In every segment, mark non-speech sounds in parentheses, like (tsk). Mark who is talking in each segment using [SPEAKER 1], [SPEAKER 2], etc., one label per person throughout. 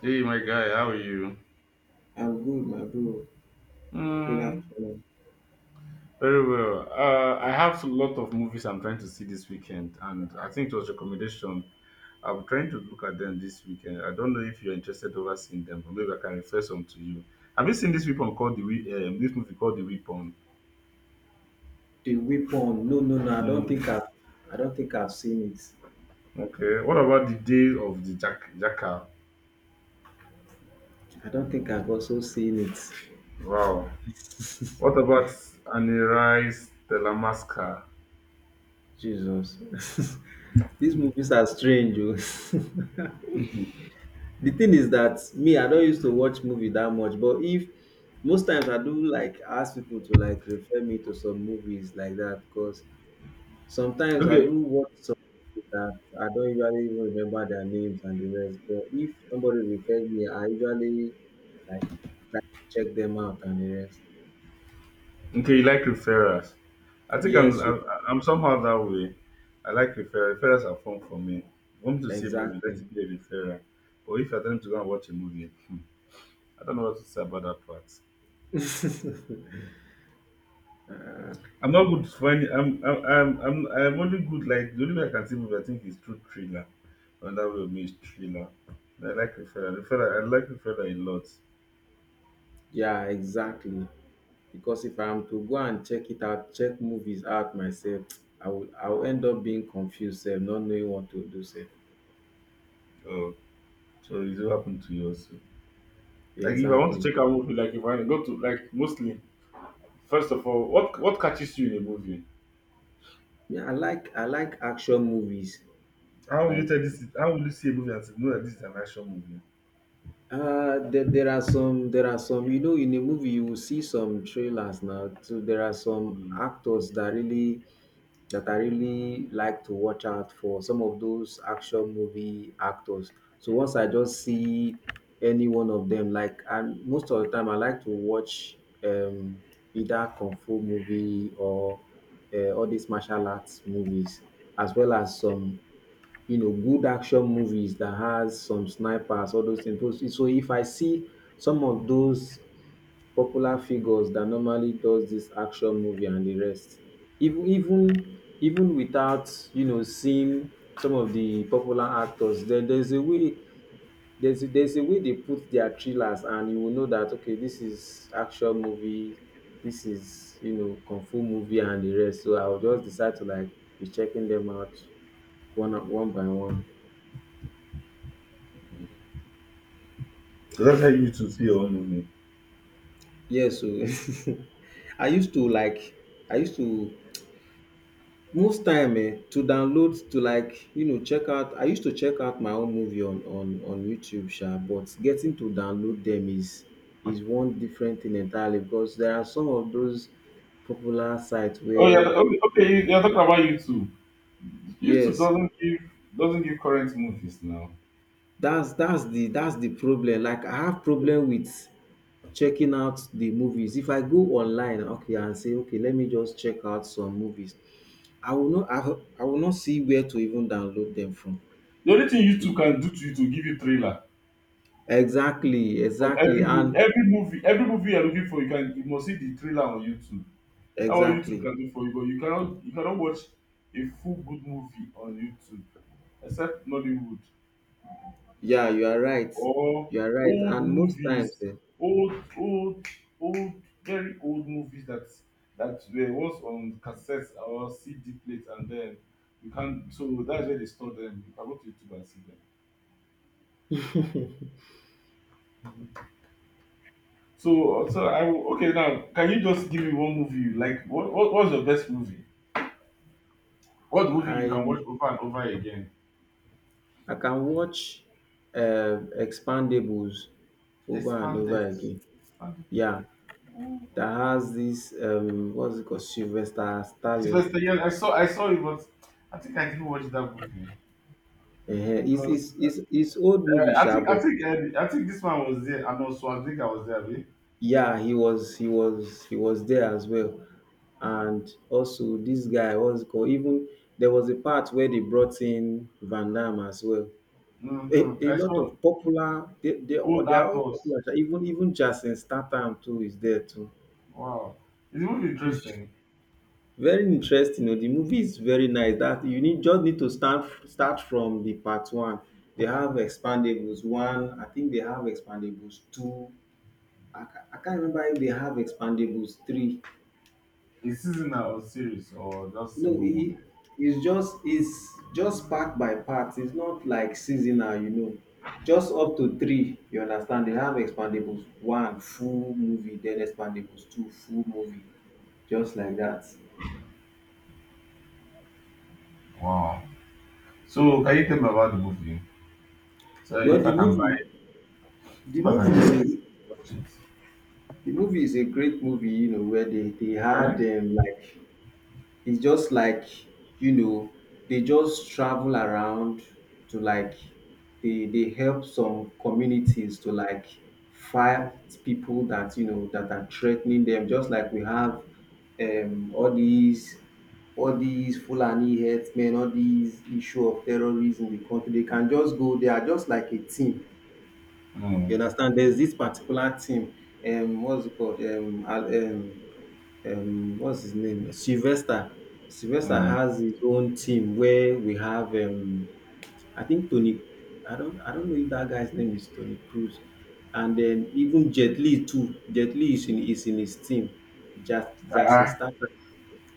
[SPEAKER 1] Hey, my guy, how are you?
[SPEAKER 2] I'm good, my bro. Good
[SPEAKER 1] Mm,
[SPEAKER 2] afternoon.
[SPEAKER 1] very well. I have a lot of movies I'm trying to see this weekend, and I think it was recommendation. I'm trying to look at them this weekend. I don't know if you're interested over seeing them, but maybe I can refer some to you. Have you seen this weapon called the this movie called the Weapon?
[SPEAKER 2] The weapon. No, no, no.
[SPEAKER 1] Mm,
[SPEAKER 2] I don't think I've seen it.
[SPEAKER 1] okay. What about the Day of the Jack Jackal?
[SPEAKER 2] I don't think I've also seen it.
[SPEAKER 1] Wow. What about Aniri's Telamaska?
[SPEAKER 2] Jesus. (laughs) These movies are strange. Oh. (laughs) The thing is that me, I don't used to watch movie that much, but if most times I do like ask people to like refer me to some movies like that, because sometimes I
[SPEAKER 1] Okay,
[SPEAKER 2] do watch some people that I don't usually even remember their names and the rest. But if somebody refers me, I usually like try to check them out and the rest.
[SPEAKER 1] Okay, you like referrals. I think I'm
[SPEAKER 2] Yes, o,
[SPEAKER 1] I'm, I'm somehow that way. I like referrals. Referrals are fun for me. If you want to see a movie, let
[SPEAKER 2] exactly.
[SPEAKER 1] it be a referral. But if you're telling to go and watch a movie, I don't know what to say about that part. I'm not good for any. I'm only good like the only way I can see movie I think is through thriller. And that will means thriller. I like referral. Referral. I like referral a lot.
[SPEAKER 2] Yeah, exactly. Because if I'm to go and check it out, check movies out myself, (tsk) I'll end up being confused, sef, not knowing what to do, sef.
[SPEAKER 1] Oh, so it's what happened to you also. Like if I want to
[SPEAKER 2] Exactly.
[SPEAKER 1] check out movie, like if I go to like mostly first of all, what catches you in a movie?
[SPEAKER 2] Yeah, I like action movies.
[SPEAKER 1] How will you
[SPEAKER 2] Like,
[SPEAKER 1] tell this? How will you see a movie and say, no, that this is an action movie?
[SPEAKER 2] there are some, you know, in a movie you will see some trailers now. So there are some
[SPEAKER 1] Mm.
[SPEAKER 2] actors that that I really like to watch out for. Some of those action movie actors. So once I just see any one of them, like, and most of the time I like to watch um either kung fu movie or all these martial arts movies, as well as some, you know, good action movies that has some snipers, all those things. So if I see some of those popular figures that normally does this action movie and the rest, even without, you know, seeing some of the popular actors, then there's a way they put their thrillers, and you will know that okay, this is action movie, this is, you know, kung fu movie and the rest. So I'll just decide to like be checking them out one by one.
[SPEAKER 1] So that's how you to see your own movie.
[SPEAKER 2] Yes, so (laughs) I used to like I used to most time to download to like, you know, check out, I used to check out my own movie on YouTube, sha, but getting to download them is one different thing entirely, because there are some of those popular sites
[SPEAKER 1] Oh yeah,
[SPEAKER 2] where,
[SPEAKER 1] okay, okay, you're talking about YouTube. YouTube
[SPEAKER 2] yes,
[SPEAKER 1] doesn't give current movies now.
[SPEAKER 2] that's the problem. Like, I have problem with checking out the movies. If I go online, okay, and say okay, let me just check out some movies, I will not see where to even download them from.
[SPEAKER 1] The only thing YouTube can do to you to give you trailer
[SPEAKER 2] Exactly,
[SPEAKER 1] of
[SPEAKER 2] exactly,
[SPEAKER 1] every movie,
[SPEAKER 2] and
[SPEAKER 1] every movie, every movie you're looking for, you can you must see the trailer on YouTube. That's what YouTube
[SPEAKER 2] exactly.
[SPEAKER 1] can do for you, but you cannot watch a full good movie on YouTube except Nollywood,
[SPEAKER 2] Yeah, you are right.
[SPEAKER 1] or
[SPEAKER 2] You are right.
[SPEAKER 1] old
[SPEAKER 2] And most times,
[SPEAKER 1] movies,
[SPEAKER 2] eh,
[SPEAKER 1] old, old, old, very old movies that that were was on cassettes or CD plate, and then you can. So that's where they store them. You can go to YouTube and see them. So, okay now. Can you just give me one movie you like? What's your best movie? What movie you
[SPEAKER 2] I
[SPEAKER 1] can watch over and over again?
[SPEAKER 2] I can watch Expandables over and
[SPEAKER 1] Expanded,
[SPEAKER 2] over again.
[SPEAKER 1] expanded.
[SPEAKER 2] Yeah,
[SPEAKER 1] Ooh.
[SPEAKER 2] that has this what's it called, Sylvester Stallone.
[SPEAKER 1] Sylvester Stallone. I saw it, but I think I didn't watch that movie
[SPEAKER 2] Uh, it's,
[SPEAKER 1] because
[SPEAKER 2] it's, it's, it's old movie, sha, but
[SPEAKER 1] I think this one was there, and also I think I was there. Abi?
[SPEAKER 2] yeah, he was there as well. And also this guy was called, even there was a part where they brought in Van Damme as well.
[SPEAKER 1] Mm-hmm.
[SPEAKER 2] A
[SPEAKER 1] I
[SPEAKER 2] lot
[SPEAKER 1] saw
[SPEAKER 2] of popular,
[SPEAKER 1] old
[SPEAKER 2] they are all
[SPEAKER 1] actors.
[SPEAKER 2] popular. Even Jason Statham too is there too.
[SPEAKER 1] Wow, is the movie interesting?
[SPEAKER 2] Very interesting. You know, the movie is very nice. That you need just need to start from the part one. They have Expandables one. I think they have Expandables two. I can't remember if they have Expandables three.
[SPEAKER 1] Is seasonal or series or just
[SPEAKER 2] No,
[SPEAKER 1] single movie?
[SPEAKER 2] he is just it's just part by part. It's not like seasonal, you know. Just up to three, you understand? They have Expandables one full movie, then Expandables two full movie, just like that.
[SPEAKER 1] Wow. So can you tell me about the movie? So
[SPEAKER 2] Well,
[SPEAKER 1] if I can buy, it,
[SPEAKER 2] the
[SPEAKER 1] if I can
[SPEAKER 2] movie is
[SPEAKER 1] just
[SPEAKER 2] a,
[SPEAKER 1] watch it,
[SPEAKER 2] the movie is a great movie, you know, where they had
[SPEAKER 1] okay?
[SPEAKER 2] like, it's just like, you know, they just travel around to like they help some communities to like fight people that, you know, that are threatening them, just like we have um all these all these Fulani herdsmen, all these issue of terrorism in the country. They can just go. They are just like a team. You
[SPEAKER 1] Mm,
[SPEAKER 2] understand? There's this particular team. What's it called? What's his name? Sylvester. Sylvester
[SPEAKER 1] mm.
[SPEAKER 2] has his own team where we have I think Tony I don't know if that guy's name is Tony Cruz. And then even Jet Li too. Jet Li is in his team. Just Jason
[SPEAKER 1] Ah,
[SPEAKER 2] Statham.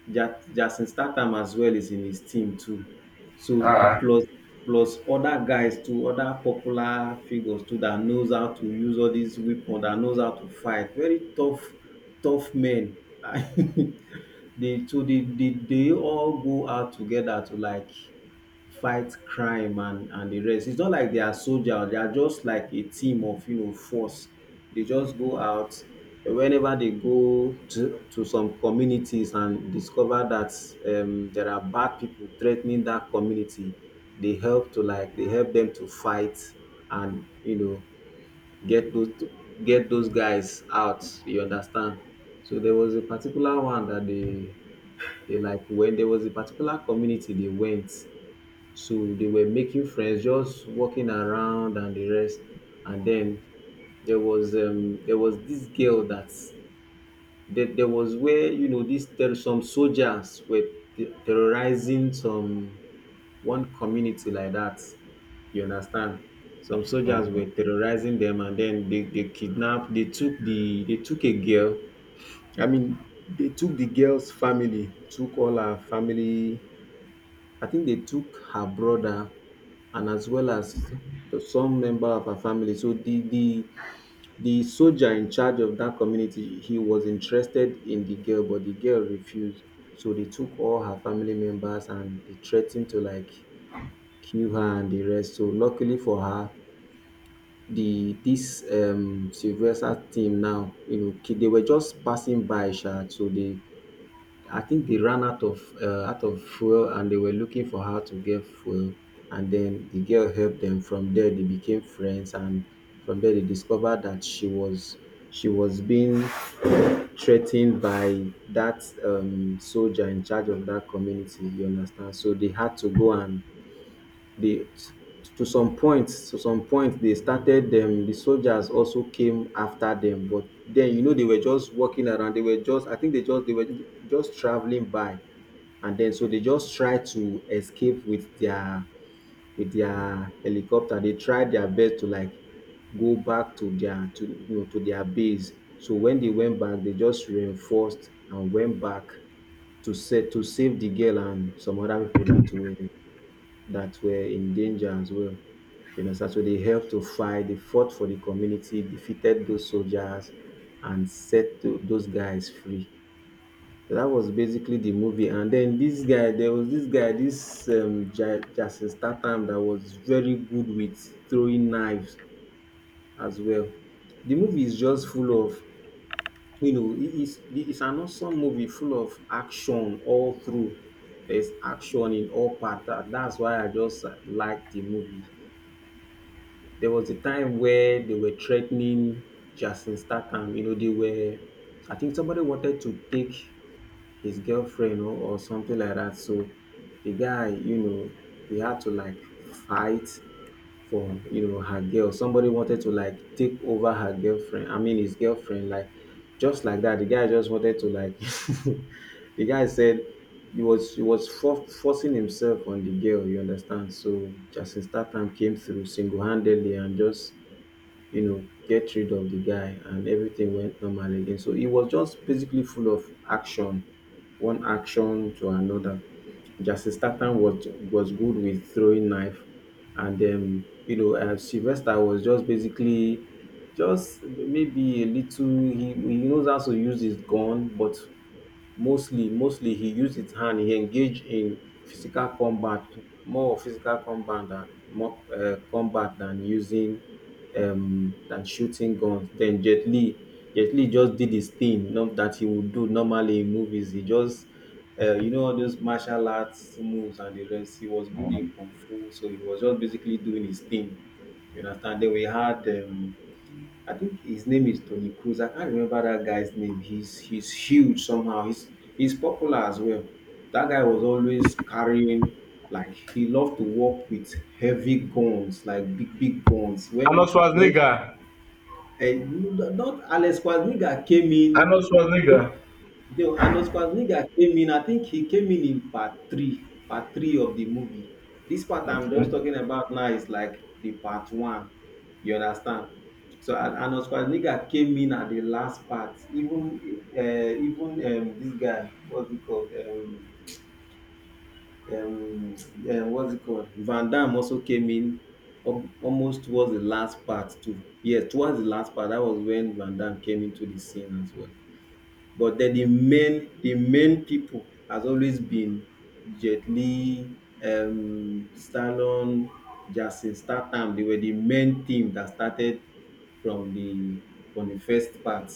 [SPEAKER 2] Jason Statham as well is in his team too. So
[SPEAKER 1] ah.
[SPEAKER 2] plus other guys too, other popular figures too, that knows how to use all these weapons, that knows how to fight. Very tough, tough men. (laughs) they so they all go out together to like fight crime and the rest. It's not like they are soldiers. They are just like a team of, you know, force. They just go out whenever they go to some communities and discover that there are bad people threatening that community. They help them to fight, and, you know, get those get those guys out. You understand? So there was a particular one that they like, when there was a particular community they went, so they were making friends, just walking around and the rest. And then there was this girl that, there was where, you know, this. There Some soldiers were terrorizing some one community like that. You understand? Some soldiers
[SPEAKER 1] Mm,
[SPEAKER 2] were terrorizing them, and then they kidnapped. They took a girl. I mean, they took the girl's family, took all her family. I think they took her brother and as well as the some member of her family. So the soldier in charge of that community, he was interested in the girl, but the girl refused. So they took all her family members and they threatened to like kill her and the rest. So luckily for her, the this Sylvester team now, you know, they were just passing by, sha, so they, I think they ran out of fuel, and they were looking for how to get fuel. And then the girl helped them. From there, they became friends, and from there, they discovered that she was, she was being threatened by that soldier in charge of that community. You understand? So they had to go, and they, to some point, they started them, the soldiers also came after them, but then, you know, they were just walking around. They were just, I think they were just traveling by. And then, so they just tried to escape with their, helicopter. They tried their best to like go back to their, to you know to their base. So when they went back, they just reinforced and went back to set to save the girl and some other people that were, that were in danger as well. You understand? So they helped to fight, they fought for the community, defeated those soldiers, and set those guys free. So that was basically the movie. And then this guy, there was this guy, this Jason Statham, that was very good with throwing knives as well. The movie is just full of, you know, it is it's an awesome movie full of action all through. There's action in all parts. That's why I just like the movie. There was a time where they were threatening Jason Statham. You know, they were I think somebody wanted to take his girlfriend, or something like that. So the guy, you know, he had to like fight for, you know, her girl. Somebody wanted to like take over her girlfriend. I mean his girlfriend, like, just like that. The guy just wanted to like (laughs) the guy said he was, he was forcing himself on the girl, you understand? So Justin Statham came through single handedly and just, you know, get rid of the guy, and everything went normal again. So it was just basically full of action, one action to another. Jason Statham was good with throwing knife, and then, you know, Sylvester was just basically just maybe a little. He knows how to use his gun, but mostly he used his hand he engaged in physical combat, more of physical combat than more combat, than using than shooting guns. Then Jet Li just did his thing. Not that he would do normally in movies, he just, you know, all those martial arts moves and the rest. He was good in
[SPEAKER 1] mm.
[SPEAKER 2] kung fu, so he was just basically doing his thing. You understand? Then we had I think his name is Tony Cruz. I can't remember that guy's name. He's huge somehow. He's popular as well. That guy was always carrying, like, he loved to walk with heavy guns, like big, big guns. When,
[SPEAKER 1] Arnold Schwarzenegger.
[SPEAKER 2] not Alex Quadriga came in.
[SPEAKER 1] Arnold Schwarzenegger.
[SPEAKER 2] No, Arnold Schwarzenegger came in. I think he came in part three of the movie. This part I'm just
[SPEAKER 1] Okay.
[SPEAKER 2] talking about now is like the part one. You understand? So Arnold Schwarzenegger came in at the last part. Even even this guy, what's it called? Um, what's it called? Van Damme also came in almost towards the last part too. Yes, towards the last part. That was when Van Damme came into the scene as well. But then the main people has always been Jet Li, Stallone, Jason Statham. They were the main team that started from the from the first part.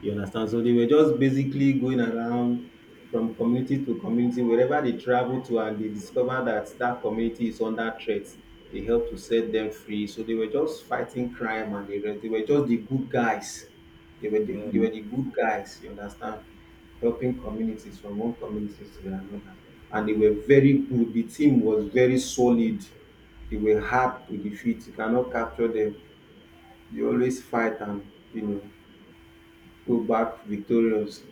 [SPEAKER 2] You understand? So they were just basically going around from community to community, wherever they travel to, and they discover that that community is under threat. They help to set them free. So they were just fighting crime and the rest. They were just the good guys. They were
[SPEAKER 1] Mm.
[SPEAKER 2] the good guys, you understand, helping communities from one community to another. And they were very good. The team was very solid. They were hard to defeat. You cannot capture them. They always fight and, you know, go back victorious.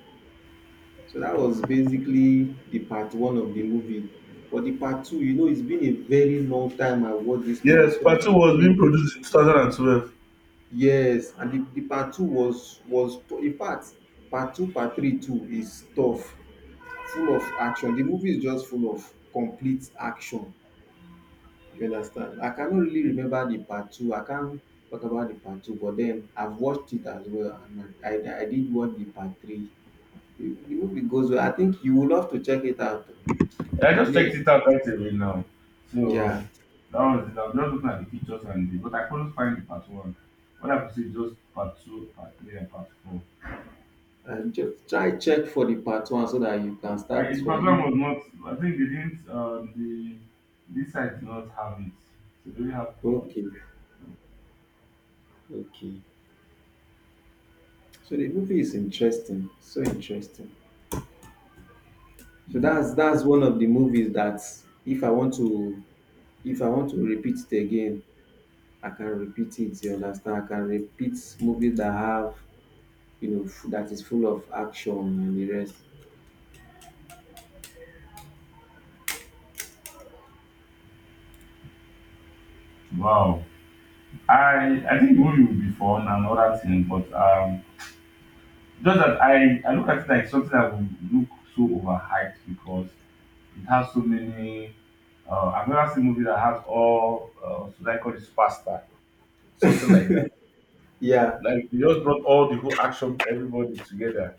[SPEAKER 2] So that was basically the part one of the movie. But the part two, you know, it's been a very long time I watched this movie,
[SPEAKER 1] Yes,
[SPEAKER 2] so I
[SPEAKER 1] part
[SPEAKER 2] can't
[SPEAKER 1] two was being
[SPEAKER 2] really...
[SPEAKER 1] produced in 2012.
[SPEAKER 2] Yes. And the part two was in fact, part two, part three too is tough, full of action. The movie is just full of complete action. You understand? I cannot really remember the part two. I can't talk about the part two, but then I've watched it as well, and I did watch the part three. The movie goes well. I think you will love to check it out. Oh, you
[SPEAKER 1] I
[SPEAKER 2] will
[SPEAKER 1] just
[SPEAKER 2] really
[SPEAKER 1] checked
[SPEAKER 2] enjoy
[SPEAKER 1] it out
[SPEAKER 2] it.
[SPEAKER 1] right away now. So
[SPEAKER 2] Yeah,
[SPEAKER 1] that was it. I was just looking at the pictures and the, but I couldn't find the part one. What I could see is just part two, part three, and part four.
[SPEAKER 2] and just try check for the part one so that you can
[SPEAKER 1] I,
[SPEAKER 2] start
[SPEAKER 1] the part
[SPEAKER 2] from
[SPEAKER 1] one
[SPEAKER 2] it.
[SPEAKER 1] was not. I think they didn't. The this side did not have it. So they only have two,
[SPEAKER 2] Okay,
[SPEAKER 1] three.
[SPEAKER 2] okay. So the movie is interesting. So
[SPEAKER 1] Mm.
[SPEAKER 2] that's one of the movies that if I want to if I want to repeat it again I can repeat it, you understand, I can repeat movies that have, you know, that is full of action and the rest.
[SPEAKER 1] Wow. I think the movie will be fun and all that thing, but just that I look at it like something that will look so overhyped because it has so many I've never seen a movie that has all, should I call it faster, something like that.
[SPEAKER 2] Yeah.
[SPEAKER 1] Like, they just brought all the whole action, everybody together.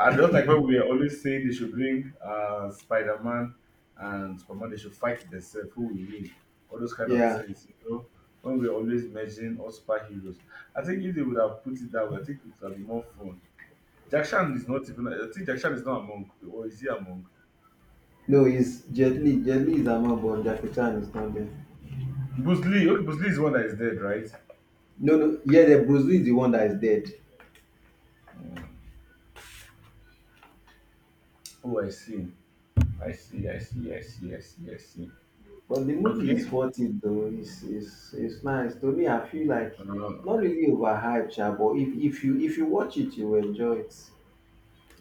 [SPEAKER 1] And just like when we are always saying they should bring Spider Man and Superman, they should fight themselves, who will win, all those kind of
[SPEAKER 2] Yeah.
[SPEAKER 1] things, you know. When we're always measuring all superheroes, I think if they would have put it that way, I think it would have been more fun. Jack Chan is not even, I think Jack Chan is not among, or is he among?
[SPEAKER 2] No, it's Jet Li is among, but Jackie Chan is not there.
[SPEAKER 1] Bruce Lee, okay, Bruce Lee is the one that is dead, right?
[SPEAKER 2] No, yeah, the Bruce Lee is the one that is dead.
[SPEAKER 1] Oh, I see. I see, I see, I see, I see, I see.
[SPEAKER 2] But the movie is
[SPEAKER 1] Okay.
[SPEAKER 2] worth it though. It's nice to me. I feel like
[SPEAKER 1] Uh,
[SPEAKER 2] not really overhyped sha, but if you watch it you will enjoy it.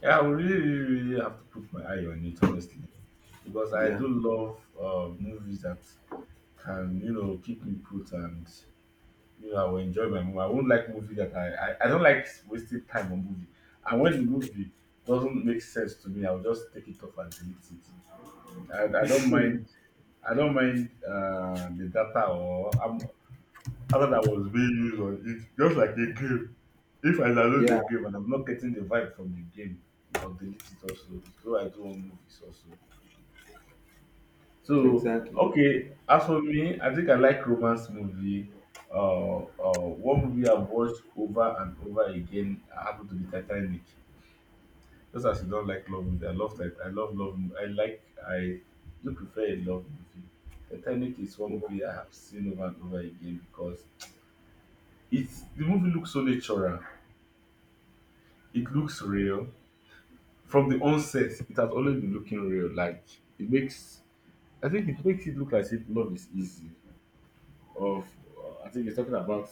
[SPEAKER 1] yeah, I will really, really, really have to put my eye on it, honestly, because I
[SPEAKER 2] Yeah.
[SPEAKER 1] do love movies that can, you know, keep me put and, you know, I will enjoy my movie. I won't like movie that I don't like wasting time on movie. And when the movie doesn't make sense to me, I'll just take it off and delete it. I, I don't mind I don't mind the data or I'm after that was being used on it, just like a game. If I download the
[SPEAKER 2] Yeah,
[SPEAKER 1] game and I'm not getting the vibe from the game, I'll delete it also. So I do want movies also. So
[SPEAKER 2] exactly.
[SPEAKER 1] okay, as for me, I think I like romance movie. One movie I've watched over and over again happened to be Titanic. Just as you don't like love movie, I love love. I like I do prefer a love movie. Titanic is one movie I have seen over and over again because it's the movie looks so natural. It looks real. From the onset, it has always been looking real. Like it makes, I think it makes it look as if love is easy. Of, I think it's talking about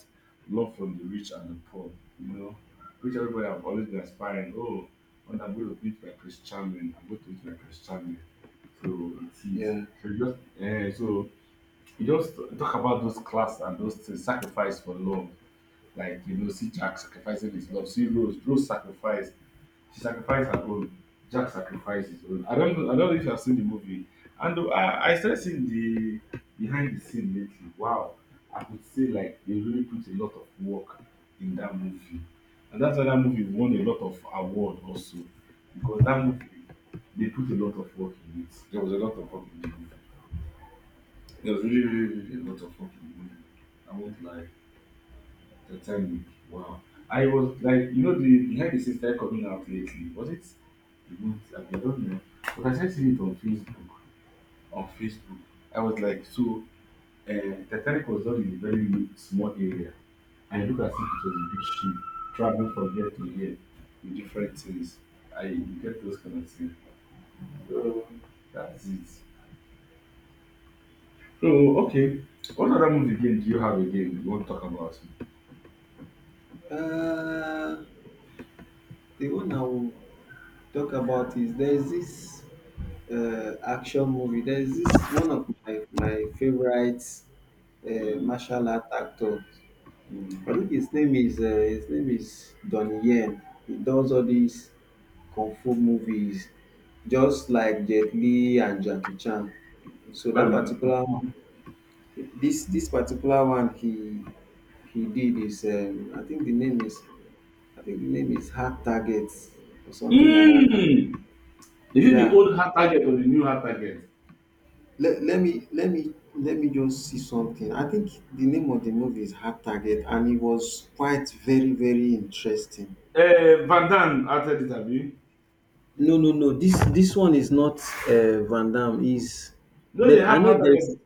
[SPEAKER 1] love from the rich and the poor. You know, which everybody have always been aspiring. Oh, when I'm going to meet my Prince Charming, I'm going to meet my Prince Charming. So it is.
[SPEAKER 2] Yeah.
[SPEAKER 1] So you just talk about those class and those things, sacrifice for love. Like you know, see Jack sacrificing his love, see Rose sacrifice she sacrificed her own. Jack sacrificed his own. I don't know. I don't know if you have seen the movie. And I started seeing the behind the scene lately. Wow, I could say like they really put a lot of work in that movie, and that's why that movie won a lot of award also because that movie they put a lot of work in it. There was a lot of work in the movie. There was really, really, really a lot of work in the movie. I won't lie. The time, wow. I was like, you know, the behind the scenes started coming out lately. Was it a month ago? I don't know. But I started seeing it on Facebook. On Facebook, I was like, so Titanic was done in a very small area, and it looked as if it was a big ship traveling from here to here with different things. I you get those kind of things. So that's it. So okay, what other movie game do you have again you want to talk about?
[SPEAKER 2] uh the one I will talk about is there is this action movie. There is this one of my favorite
[SPEAKER 1] Mm.
[SPEAKER 2] martial art actor. I
[SPEAKER 1] Mm.
[SPEAKER 2] think his name is Donnie Yen. He does all these kung fu movies, just like Jet Li and Jackie Chan. So that
[SPEAKER 1] Well,
[SPEAKER 2] particular one, this particular one he did is I think the name is... I think the name is Hard Targets or something like that. I can't...
[SPEAKER 1] mm. Is it the
[SPEAKER 2] Yeah.
[SPEAKER 1] old hard target or the new hard target?
[SPEAKER 2] Let me just see something. I think the name of the movie is Hard Target and it was quite very, very interesting.
[SPEAKER 1] Van Damme after this abi. You
[SPEAKER 2] No. This one is not Van Damme. Is
[SPEAKER 1] know they
[SPEAKER 2] that I
[SPEAKER 1] have
[SPEAKER 2] know
[SPEAKER 1] hard
[SPEAKER 2] there's...
[SPEAKER 1] target.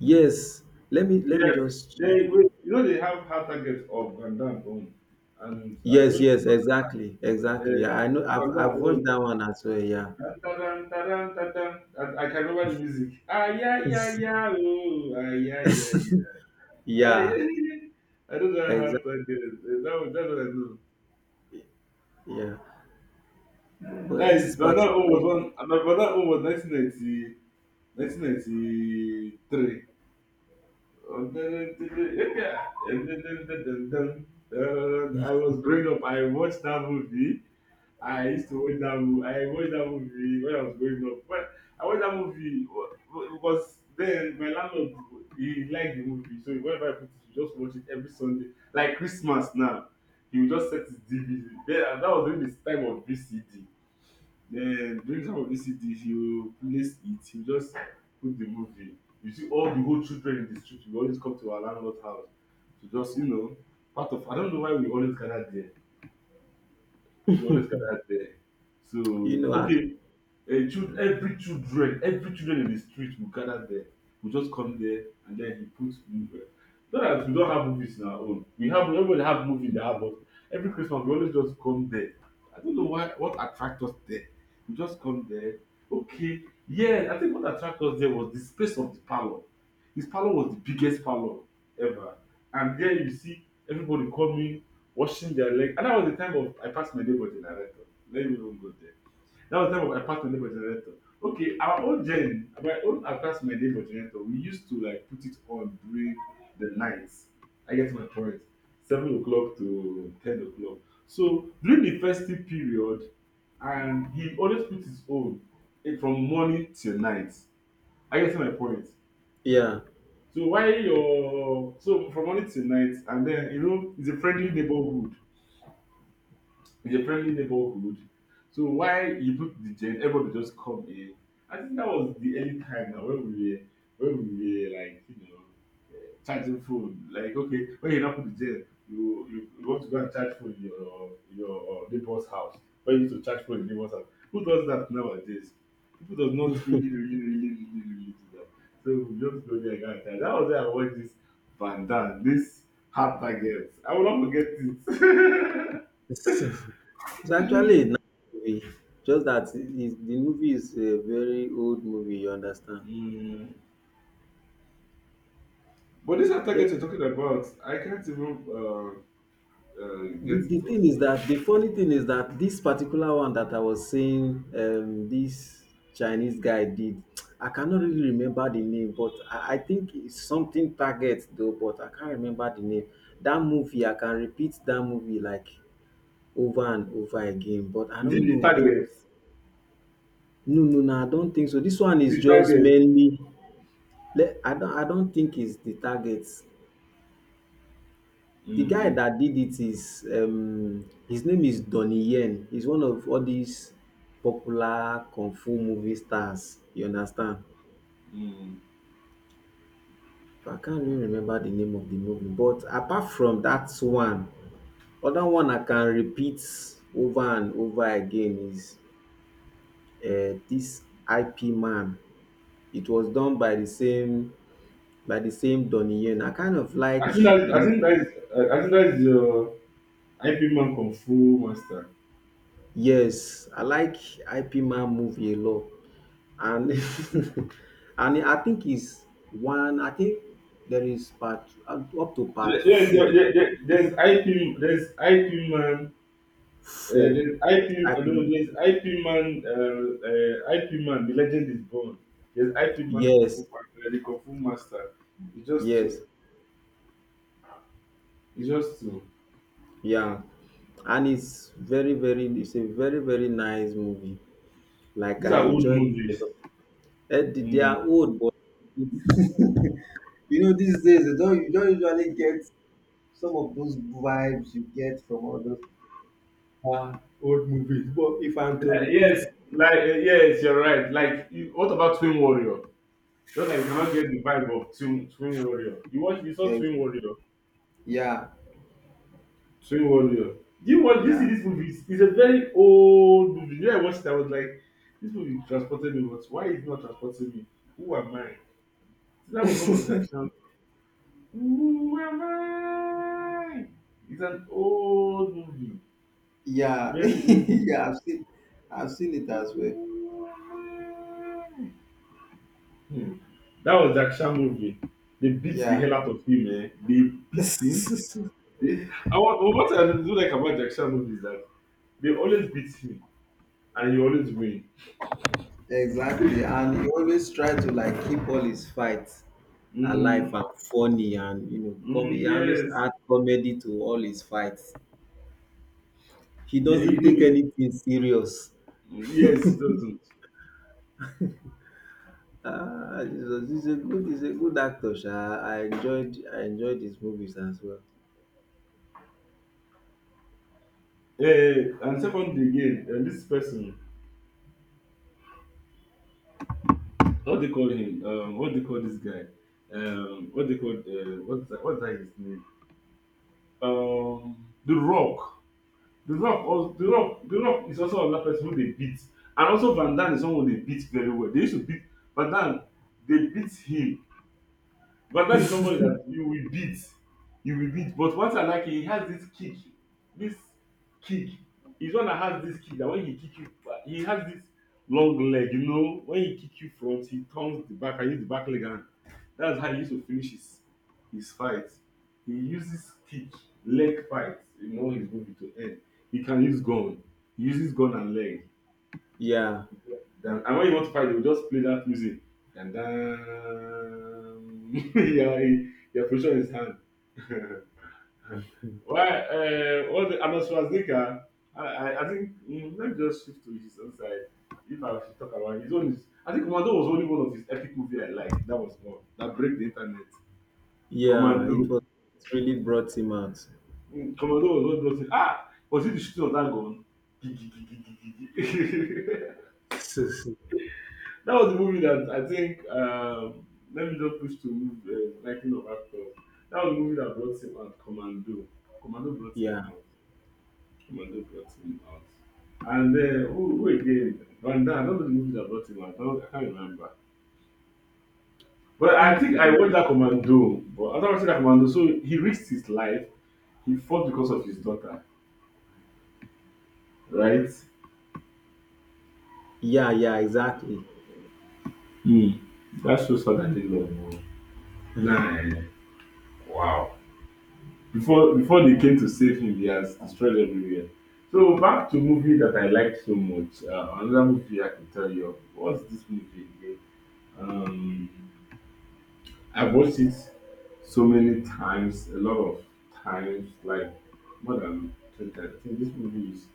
[SPEAKER 2] Yes. Let me
[SPEAKER 1] They,
[SPEAKER 2] let me just...
[SPEAKER 1] you know they have hard target of Van Damme own. And I
[SPEAKER 2] Yes,
[SPEAKER 1] don't
[SPEAKER 2] yes, exactly, exactly. Yeah, I
[SPEAKER 1] uh,
[SPEAKER 2] know
[SPEAKER 1] Van Damme
[SPEAKER 2] I've watched
[SPEAKER 1] own.
[SPEAKER 2] that one as well. Yeah.
[SPEAKER 1] Ta-dam, ta-dam, ta-dam. I can remember the music. Ah, yeah, yeah, yeah, oh, ah, yeah, yeah, yeah.
[SPEAKER 2] (laughs)
[SPEAKER 1] Ah,
[SPEAKER 2] yeah,
[SPEAKER 1] yeah, yeah. (laughs) I don't know how
[SPEAKER 2] exactly.
[SPEAKER 1] to get it. Eh, that was, that's what I know.
[SPEAKER 2] Yeah. But
[SPEAKER 1] That
[SPEAKER 2] this
[SPEAKER 1] is, Van Damme own
[SPEAKER 2] particular...
[SPEAKER 1] was one, my Van Damme own was 1990, 1993. I was growing up. I watched that movie. I used to watch that movie. I watched that movie when I was growing up. Well, I watched that movie because then my landlord he liked the movie, so whenever I put it, he just watch it every Sunday, like Christmas now. He would just set his DVD. Then that was during this time of VCD. Then during some of these cities, you place it, you just put the movie. You see all the whole children in the street will always come to our landlord's house to just, you know, part of I don't know why we always gather there. We always gather there.
[SPEAKER 2] you
[SPEAKER 1] So
[SPEAKER 2] know,
[SPEAKER 1] okay, a child every children in the street will gather there, we just come there and then he puts movie, not that we don't have movies in our own, we have, everybody have movie they have, but every Christmas we always just come there. I don't know why what attract us there, we just come there. Okay, yeah, I think what attract us there was the space of the parlour. His parlour was the biggest parlour ever, and there you see everybody coming, washing their leg, and that was the time of I passed my day for generator. Let me even go there, that was the time I passed my neighbor generator. Okay, our own gen, my own I passed my neighbor generator. We used to like put it on during the nights. I get my point. 7:00 to 10:00. So during the festive period, and he always put his own from morning till night. I get my point.
[SPEAKER 2] yeah.
[SPEAKER 1] So why your so from morning till night, and then you know it's a friendly neighborhood. In a friendly neighborhood. So why you put the gen, everybody just come in. I think that was the early time now when we were like you know charging phone. Like okay, when you now put the gen, you want to go and charge phone in your neighbor's house. When you need to charge phone in neighbor's house, who does that nowadays? People does not really do that. So we just go there and go and charge. That was where I watched this Van Damme, this hard target. I will not forget
[SPEAKER 2] (laughs) It's
[SPEAKER 1] it.
[SPEAKER 2] actually a
[SPEAKER 1] (laughs)
[SPEAKER 2] nice movie, just that the movie is a very old movie, you understand?
[SPEAKER 1] Mm. But this
[SPEAKER 2] The,
[SPEAKER 1] target you're talking about, I can't even
[SPEAKER 2] the,
[SPEAKER 1] get
[SPEAKER 2] the
[SPEAKER 1] it
[SPEAKER 2] thing
[SPEAKER 1] also.
[SPEAKER 2] is that the funny thing is that this particular one that I was saying, this Chinese guy did, I cannot
[SPEAKER 1] Mm.
[SPEAKER 2] really remember the name, but I think it's something Target though, but I can't remember the name. That movie, I can repeat that movie like over and over again, but I
[SPEAKER 1] Is it
[SPEAKER 2] don't
[SPEAKER 1] the
[SPEAKER 2] know. There was...
[SPEAKER 1] target?
[SPEAKER 2] no, no, no, I don't think so. This one is
[SPEAKER 1] The
[SPEAKER 2] just
[SPEAKER 1] target.
[SPEAKER 2] mainly... I don't... I don't think it's the target. The guy
[SPEAKER 1] Mm.
[SPEAKER 2] that did it is his name is Donnie Yen. He's one of all these popular kung fu movie stars. You understand?
[SPEAKER 1] Mm.
[SPEAKER 2] I can't really remember the name of the movie. But apart from that one, other one I can repeat over and over again is this IP Man. It was done by the same Donnie Yen. I kind of
[SPEAKER 1] I
[SPEAKER 2] like
[SPEAKER 1] think that I
[SPEAKER 2] this.
[SPEAKER 1] think that is I think that is your IP man kung fu master.
[SPEAKER 2] Yes, I like IP Man movie a lot, and (laughs) and I think it's one. I think there is part up to part
[SPEAKER 1] There- There's
[SPEAKER 2] four.
[SPEAKER 1] your- there, there, there's IP there's IP man.
[SPEAKER 2] Four.
[SPEAKER 1] There's IP,
[SPEAKER 2] Yes,
[SPEAKER 1] I
[SPEAKER 2] IP
[SPEAKER 1] don't know,
[SPEAKER 2] Man.
[SPEAKER 1] there's IP man, IP man, the legend is born. There's IP man Kung
[SPEAKER 2] Yes,
[SPEAKER 1] Fu, the Kung Fu master. It's just
[SPEAKER 2] yes,
[SPEAKER 1] two. It's just two.
[SPEAKER 2] yeah, and it's very, very. It's a very, very nice movie. Like
[SPEAKER 1] These
[SPEAKER 2] I
[SPEAKER 1] are old
[SPEAKER 2] enjoyed it a
[SPEAKER 1] movies.
[SPEAKER 2] lot. Eh, they
[SPEAKER 1] Mm.
[SPEAKER 2] are old, but you know these days you don't usually get some of those vibes you get from all those, Uh, old movies. But if I'm to
[SPEAKER 1] Yeah. Yes,
[SPEAKER 2] repeat...
[SPEAKER 1] like yes, you're right. Like, you, what about Twin Warrior? Not like you cannot get the vibe of Twin Warrior. You watch, you saw
[SPEAKER 2] Eh,
[SPEAKER 1] Twin Warrior.
[SPEAKER 2] yeah,
[SPEAKER 1] Twin Warrior. Do you watch? This
[SPEAKER 2] yeah,
[SPEAKER 1] this movie is it's a very old movie. When I watched it, I was like, this movie transported me. But why is it not transporting me? Who am I? So that was one of Jack
[SPEAKER 2] (laughs)
[SPEAKER 1] Chan. Who am I? It's an old movie.
[SPEAKER 2] yeah, (laughs)
[SPEAKER 1] Very old movie.
[SPEAKER 2] yeah. I've seen it as well.
[SPEAKER 1] Who am I? Hmm. That was the action movie. They beat the
[SPEAKER 2] Yeah,
[SPEAKER 1] hell out of him, eh? They
[SPEAKER 2] (laughs)
[SPEAKER 1] beat him.
[SPEAKER 2] exactly.
[SPEAKER 1] They, I want, what I do like about the action movie is that they always beat him and he always win.
[SPEAKER 2] And he always try to like keep all his fights alive
[SPEAKER 1] Mm.
[SPEAKER 2] and funny, and you know,
[SPEAKER 1] Mm,
[SPEAKER 2] he always
[SPEAKER 1] yes.
[SPEAKER 2] add comedy to all his fights. He
[SPEAKER 1] Yeah, he
[SPEAKER 2] doesn't take
[SPEAKER 1] know.
[SPEAKER 2] anything serious.
[SPEAKER 1] Yes, he doesn't.
[SPEAKER 2] Ah, he's a good actor sha. I enjoyed his movies as well.
[SPEAKER 1] And second again, this person, what they call him? What they call this guy? What they call? What's that, what's that his name? The Rock. The Rock, was, the Rock is also another person who they beat, and also Van Dam is someone they beat very well. They used to beat Van Dam. They beat him. Van Dijk is somebody that you will beat. You will beat. But once I like, he has this kick. This kick. He's one that has this kick that when he kick you, he has this long leg, you know. When he kick you front, he turns the back and use the back leg and that's how he used to finish his fight. He uses kick, leg fight in all his movie to end. He can use gun. He uses gun and leg.
[SPEAKER 2] Yeah.
[SPEAKER 1] Then, and when you want to fight, they will just play that music. And then (laughs) your position is hand. (laughs) Why? What? The, Arnold Schwarzenegger. I think mm, let me just shift to his own side. If I should talk about his own, is- I think Commando was only one of his epic movie I liked. That was one that break the internet.
[SPEAKER 2] Yeah, it
[SPEAKER 1] Commando.
[SPEAKER 2] was... it really brought him out.
[SPEAKER 1] Mm, Commando was one of those. Ah, was it the shooting of that gun? (laughs)
[SPEAKER 2] (laughs)
[SPEAKER 1] That was the movie that I think. Let me just push to move the liking of actors. That was the movie that brought him out. Commando. Commando brought
[SPEAKER 2] Yeah,
[SPEAKER 1] him out. Commando brought him out. And then who again? Van Damme. I don't know the movie that brought him out. I, don't, I can't remember.
[SPEAKER 2] I
[SPEAKER 1] But I
[SPEAKER 2] think.
[SPEAKER 1] think I watched that Commando. But I after watching that Commando, so he risked his life. He fought because of his daughter, right?
[SPEAKER 2] Yeah, yeah, exactly.
[SPEAKER 1] Hmm. That shows how that they love. Nah, nah, nah. Wow. Before they came to save him, he has destroyed everywhere. So back to movie that I liked so much. Another movie I can tell you of. What's this movie again? Um, I've watched it so many times, a lot of times, like more than 20 times. I think this movie is.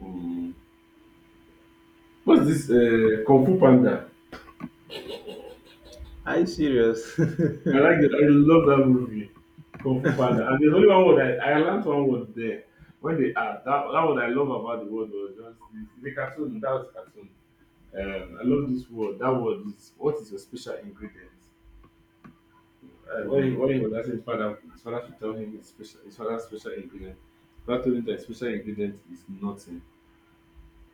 [SPEAKER 1] Um, what's this? Kung Fu Panda.
[SPEAKER 2] Are you serious?
[SPEAKER 1] I like that. I really love that movie, Kung Fu Panda. And there's only one word I learned one word there. When they asked, that, that what I love about the word was just this. The cartoon, that was cartoon. I love this word. That word is what is your special ingredient?
[SPEAKER 2] (laughs)
[SPEAKER 1] When, he,
[SPEAKER 2] wow.
[SPEAKER 1] when he was asking his father should tell him his special, his father's special ingredient. Father told him that his special ingredient is nothing.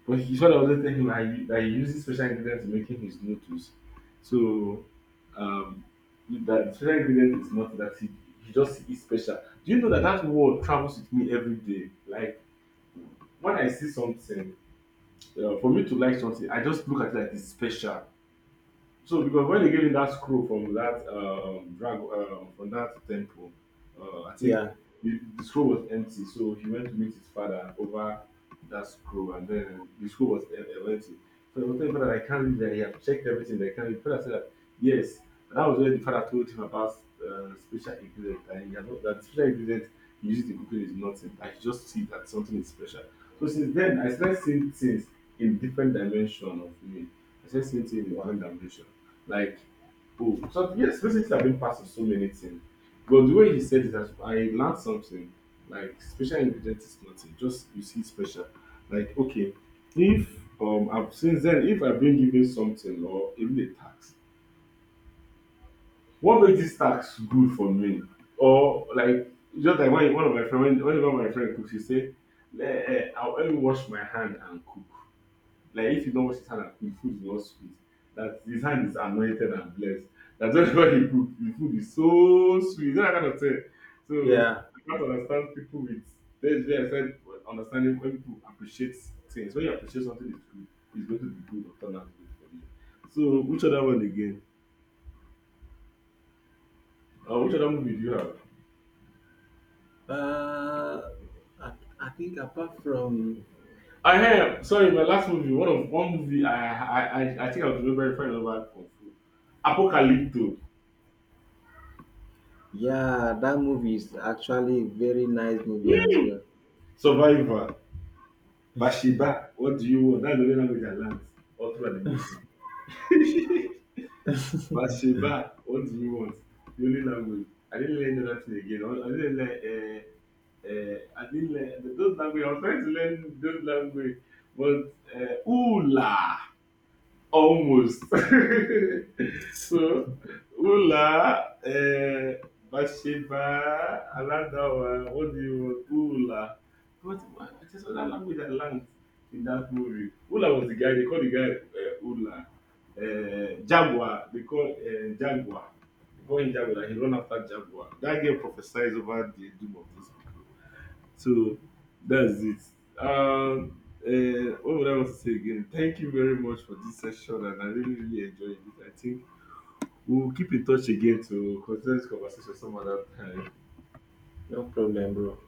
[SPEAKER 1] But he's one of those things him he, that he uses special ingredients in making his noodles. So um, that special ingredient is not that he just is special. Do you know that that word travels with me every day? Like when I see something, for me to like something, I just look at it like it's special. So because when they gave him that scroll from that drag from that temple, I think
[SPEAKER 2] Yeah.
[SPEAKER 1] the scroll was empty. So he went to meet his father over that scroll, and then the scroll was empty. So he was telling father, I can't read that. He have checked everything. They can't read. Father said, that, yes. And that was when the father told him about special ingredient, and he had not, that special ingredient he used in cooking is nothing. I just see that something is special. So since then, I started seeing things in different dimension of me. I started seeing things in
[SPEAKER 2] Wow.
[SPEAKER 1] different dimension. Like, boom. So yes, Felicity have been part of so many things. But the way he said it, I learned something. Like special ingredient is nothing. Just you see special. Like okay, if I've, since then if I've been given something or even a tax, what makes this tax good for me? Or like just like when one of my friend whenever my friend cooks, he say, "Nah, "Eh, eh, I'll only wash my hand and cook." Like if you don't wash his hand and cook, food is not sweet. That his hand is anointed and blessed. That whenever he cook, the food is so sweet. You know that kind of thing. So
[SPEAKER 2] Yeah.
[SPEAKER 1] I can't understand people with that's where I said understanding when people appreciate things. When you appreciate something it's good, it's going to be good or turn out good for you. So which other one again? Which other movie do you have?
[SPEAKER 2] Uh, I, I think apart from...
[SPEAKER 1] I have sorry, my last movie, one movie I think I was very very fond of that Kung Fu. Apocalypto,
[SPEAKER 2] yeah, that movie is actually a very nice movie as well.
[SPEAKER 1] Survivor. Bathsheba, what do you want? That's the only language I learned all throughout the movie. (laughs) Bathsheba, what do you want? The only language. I didn't learn another again. I didn't learn. I didn't learn those language. I was trying to learn those language, but ooh la. Almost. (laughs) So, Ula, Bathsheba, Aladawa, what do you want? Ula. What, it is other language I learned in that movie. Ula was the guy, they call the guy Ula. Jaguar. They call him Jaguar, like he run after Jaguar. That guy prophesies over the doom of those people. So that's it. Um, what would I want to say again? Thank you very much for this session, and I really, really enjoyed it. I think we'll keep in touch again to continue this conversation some other time.
[SPEAKER 2] No problem, bro.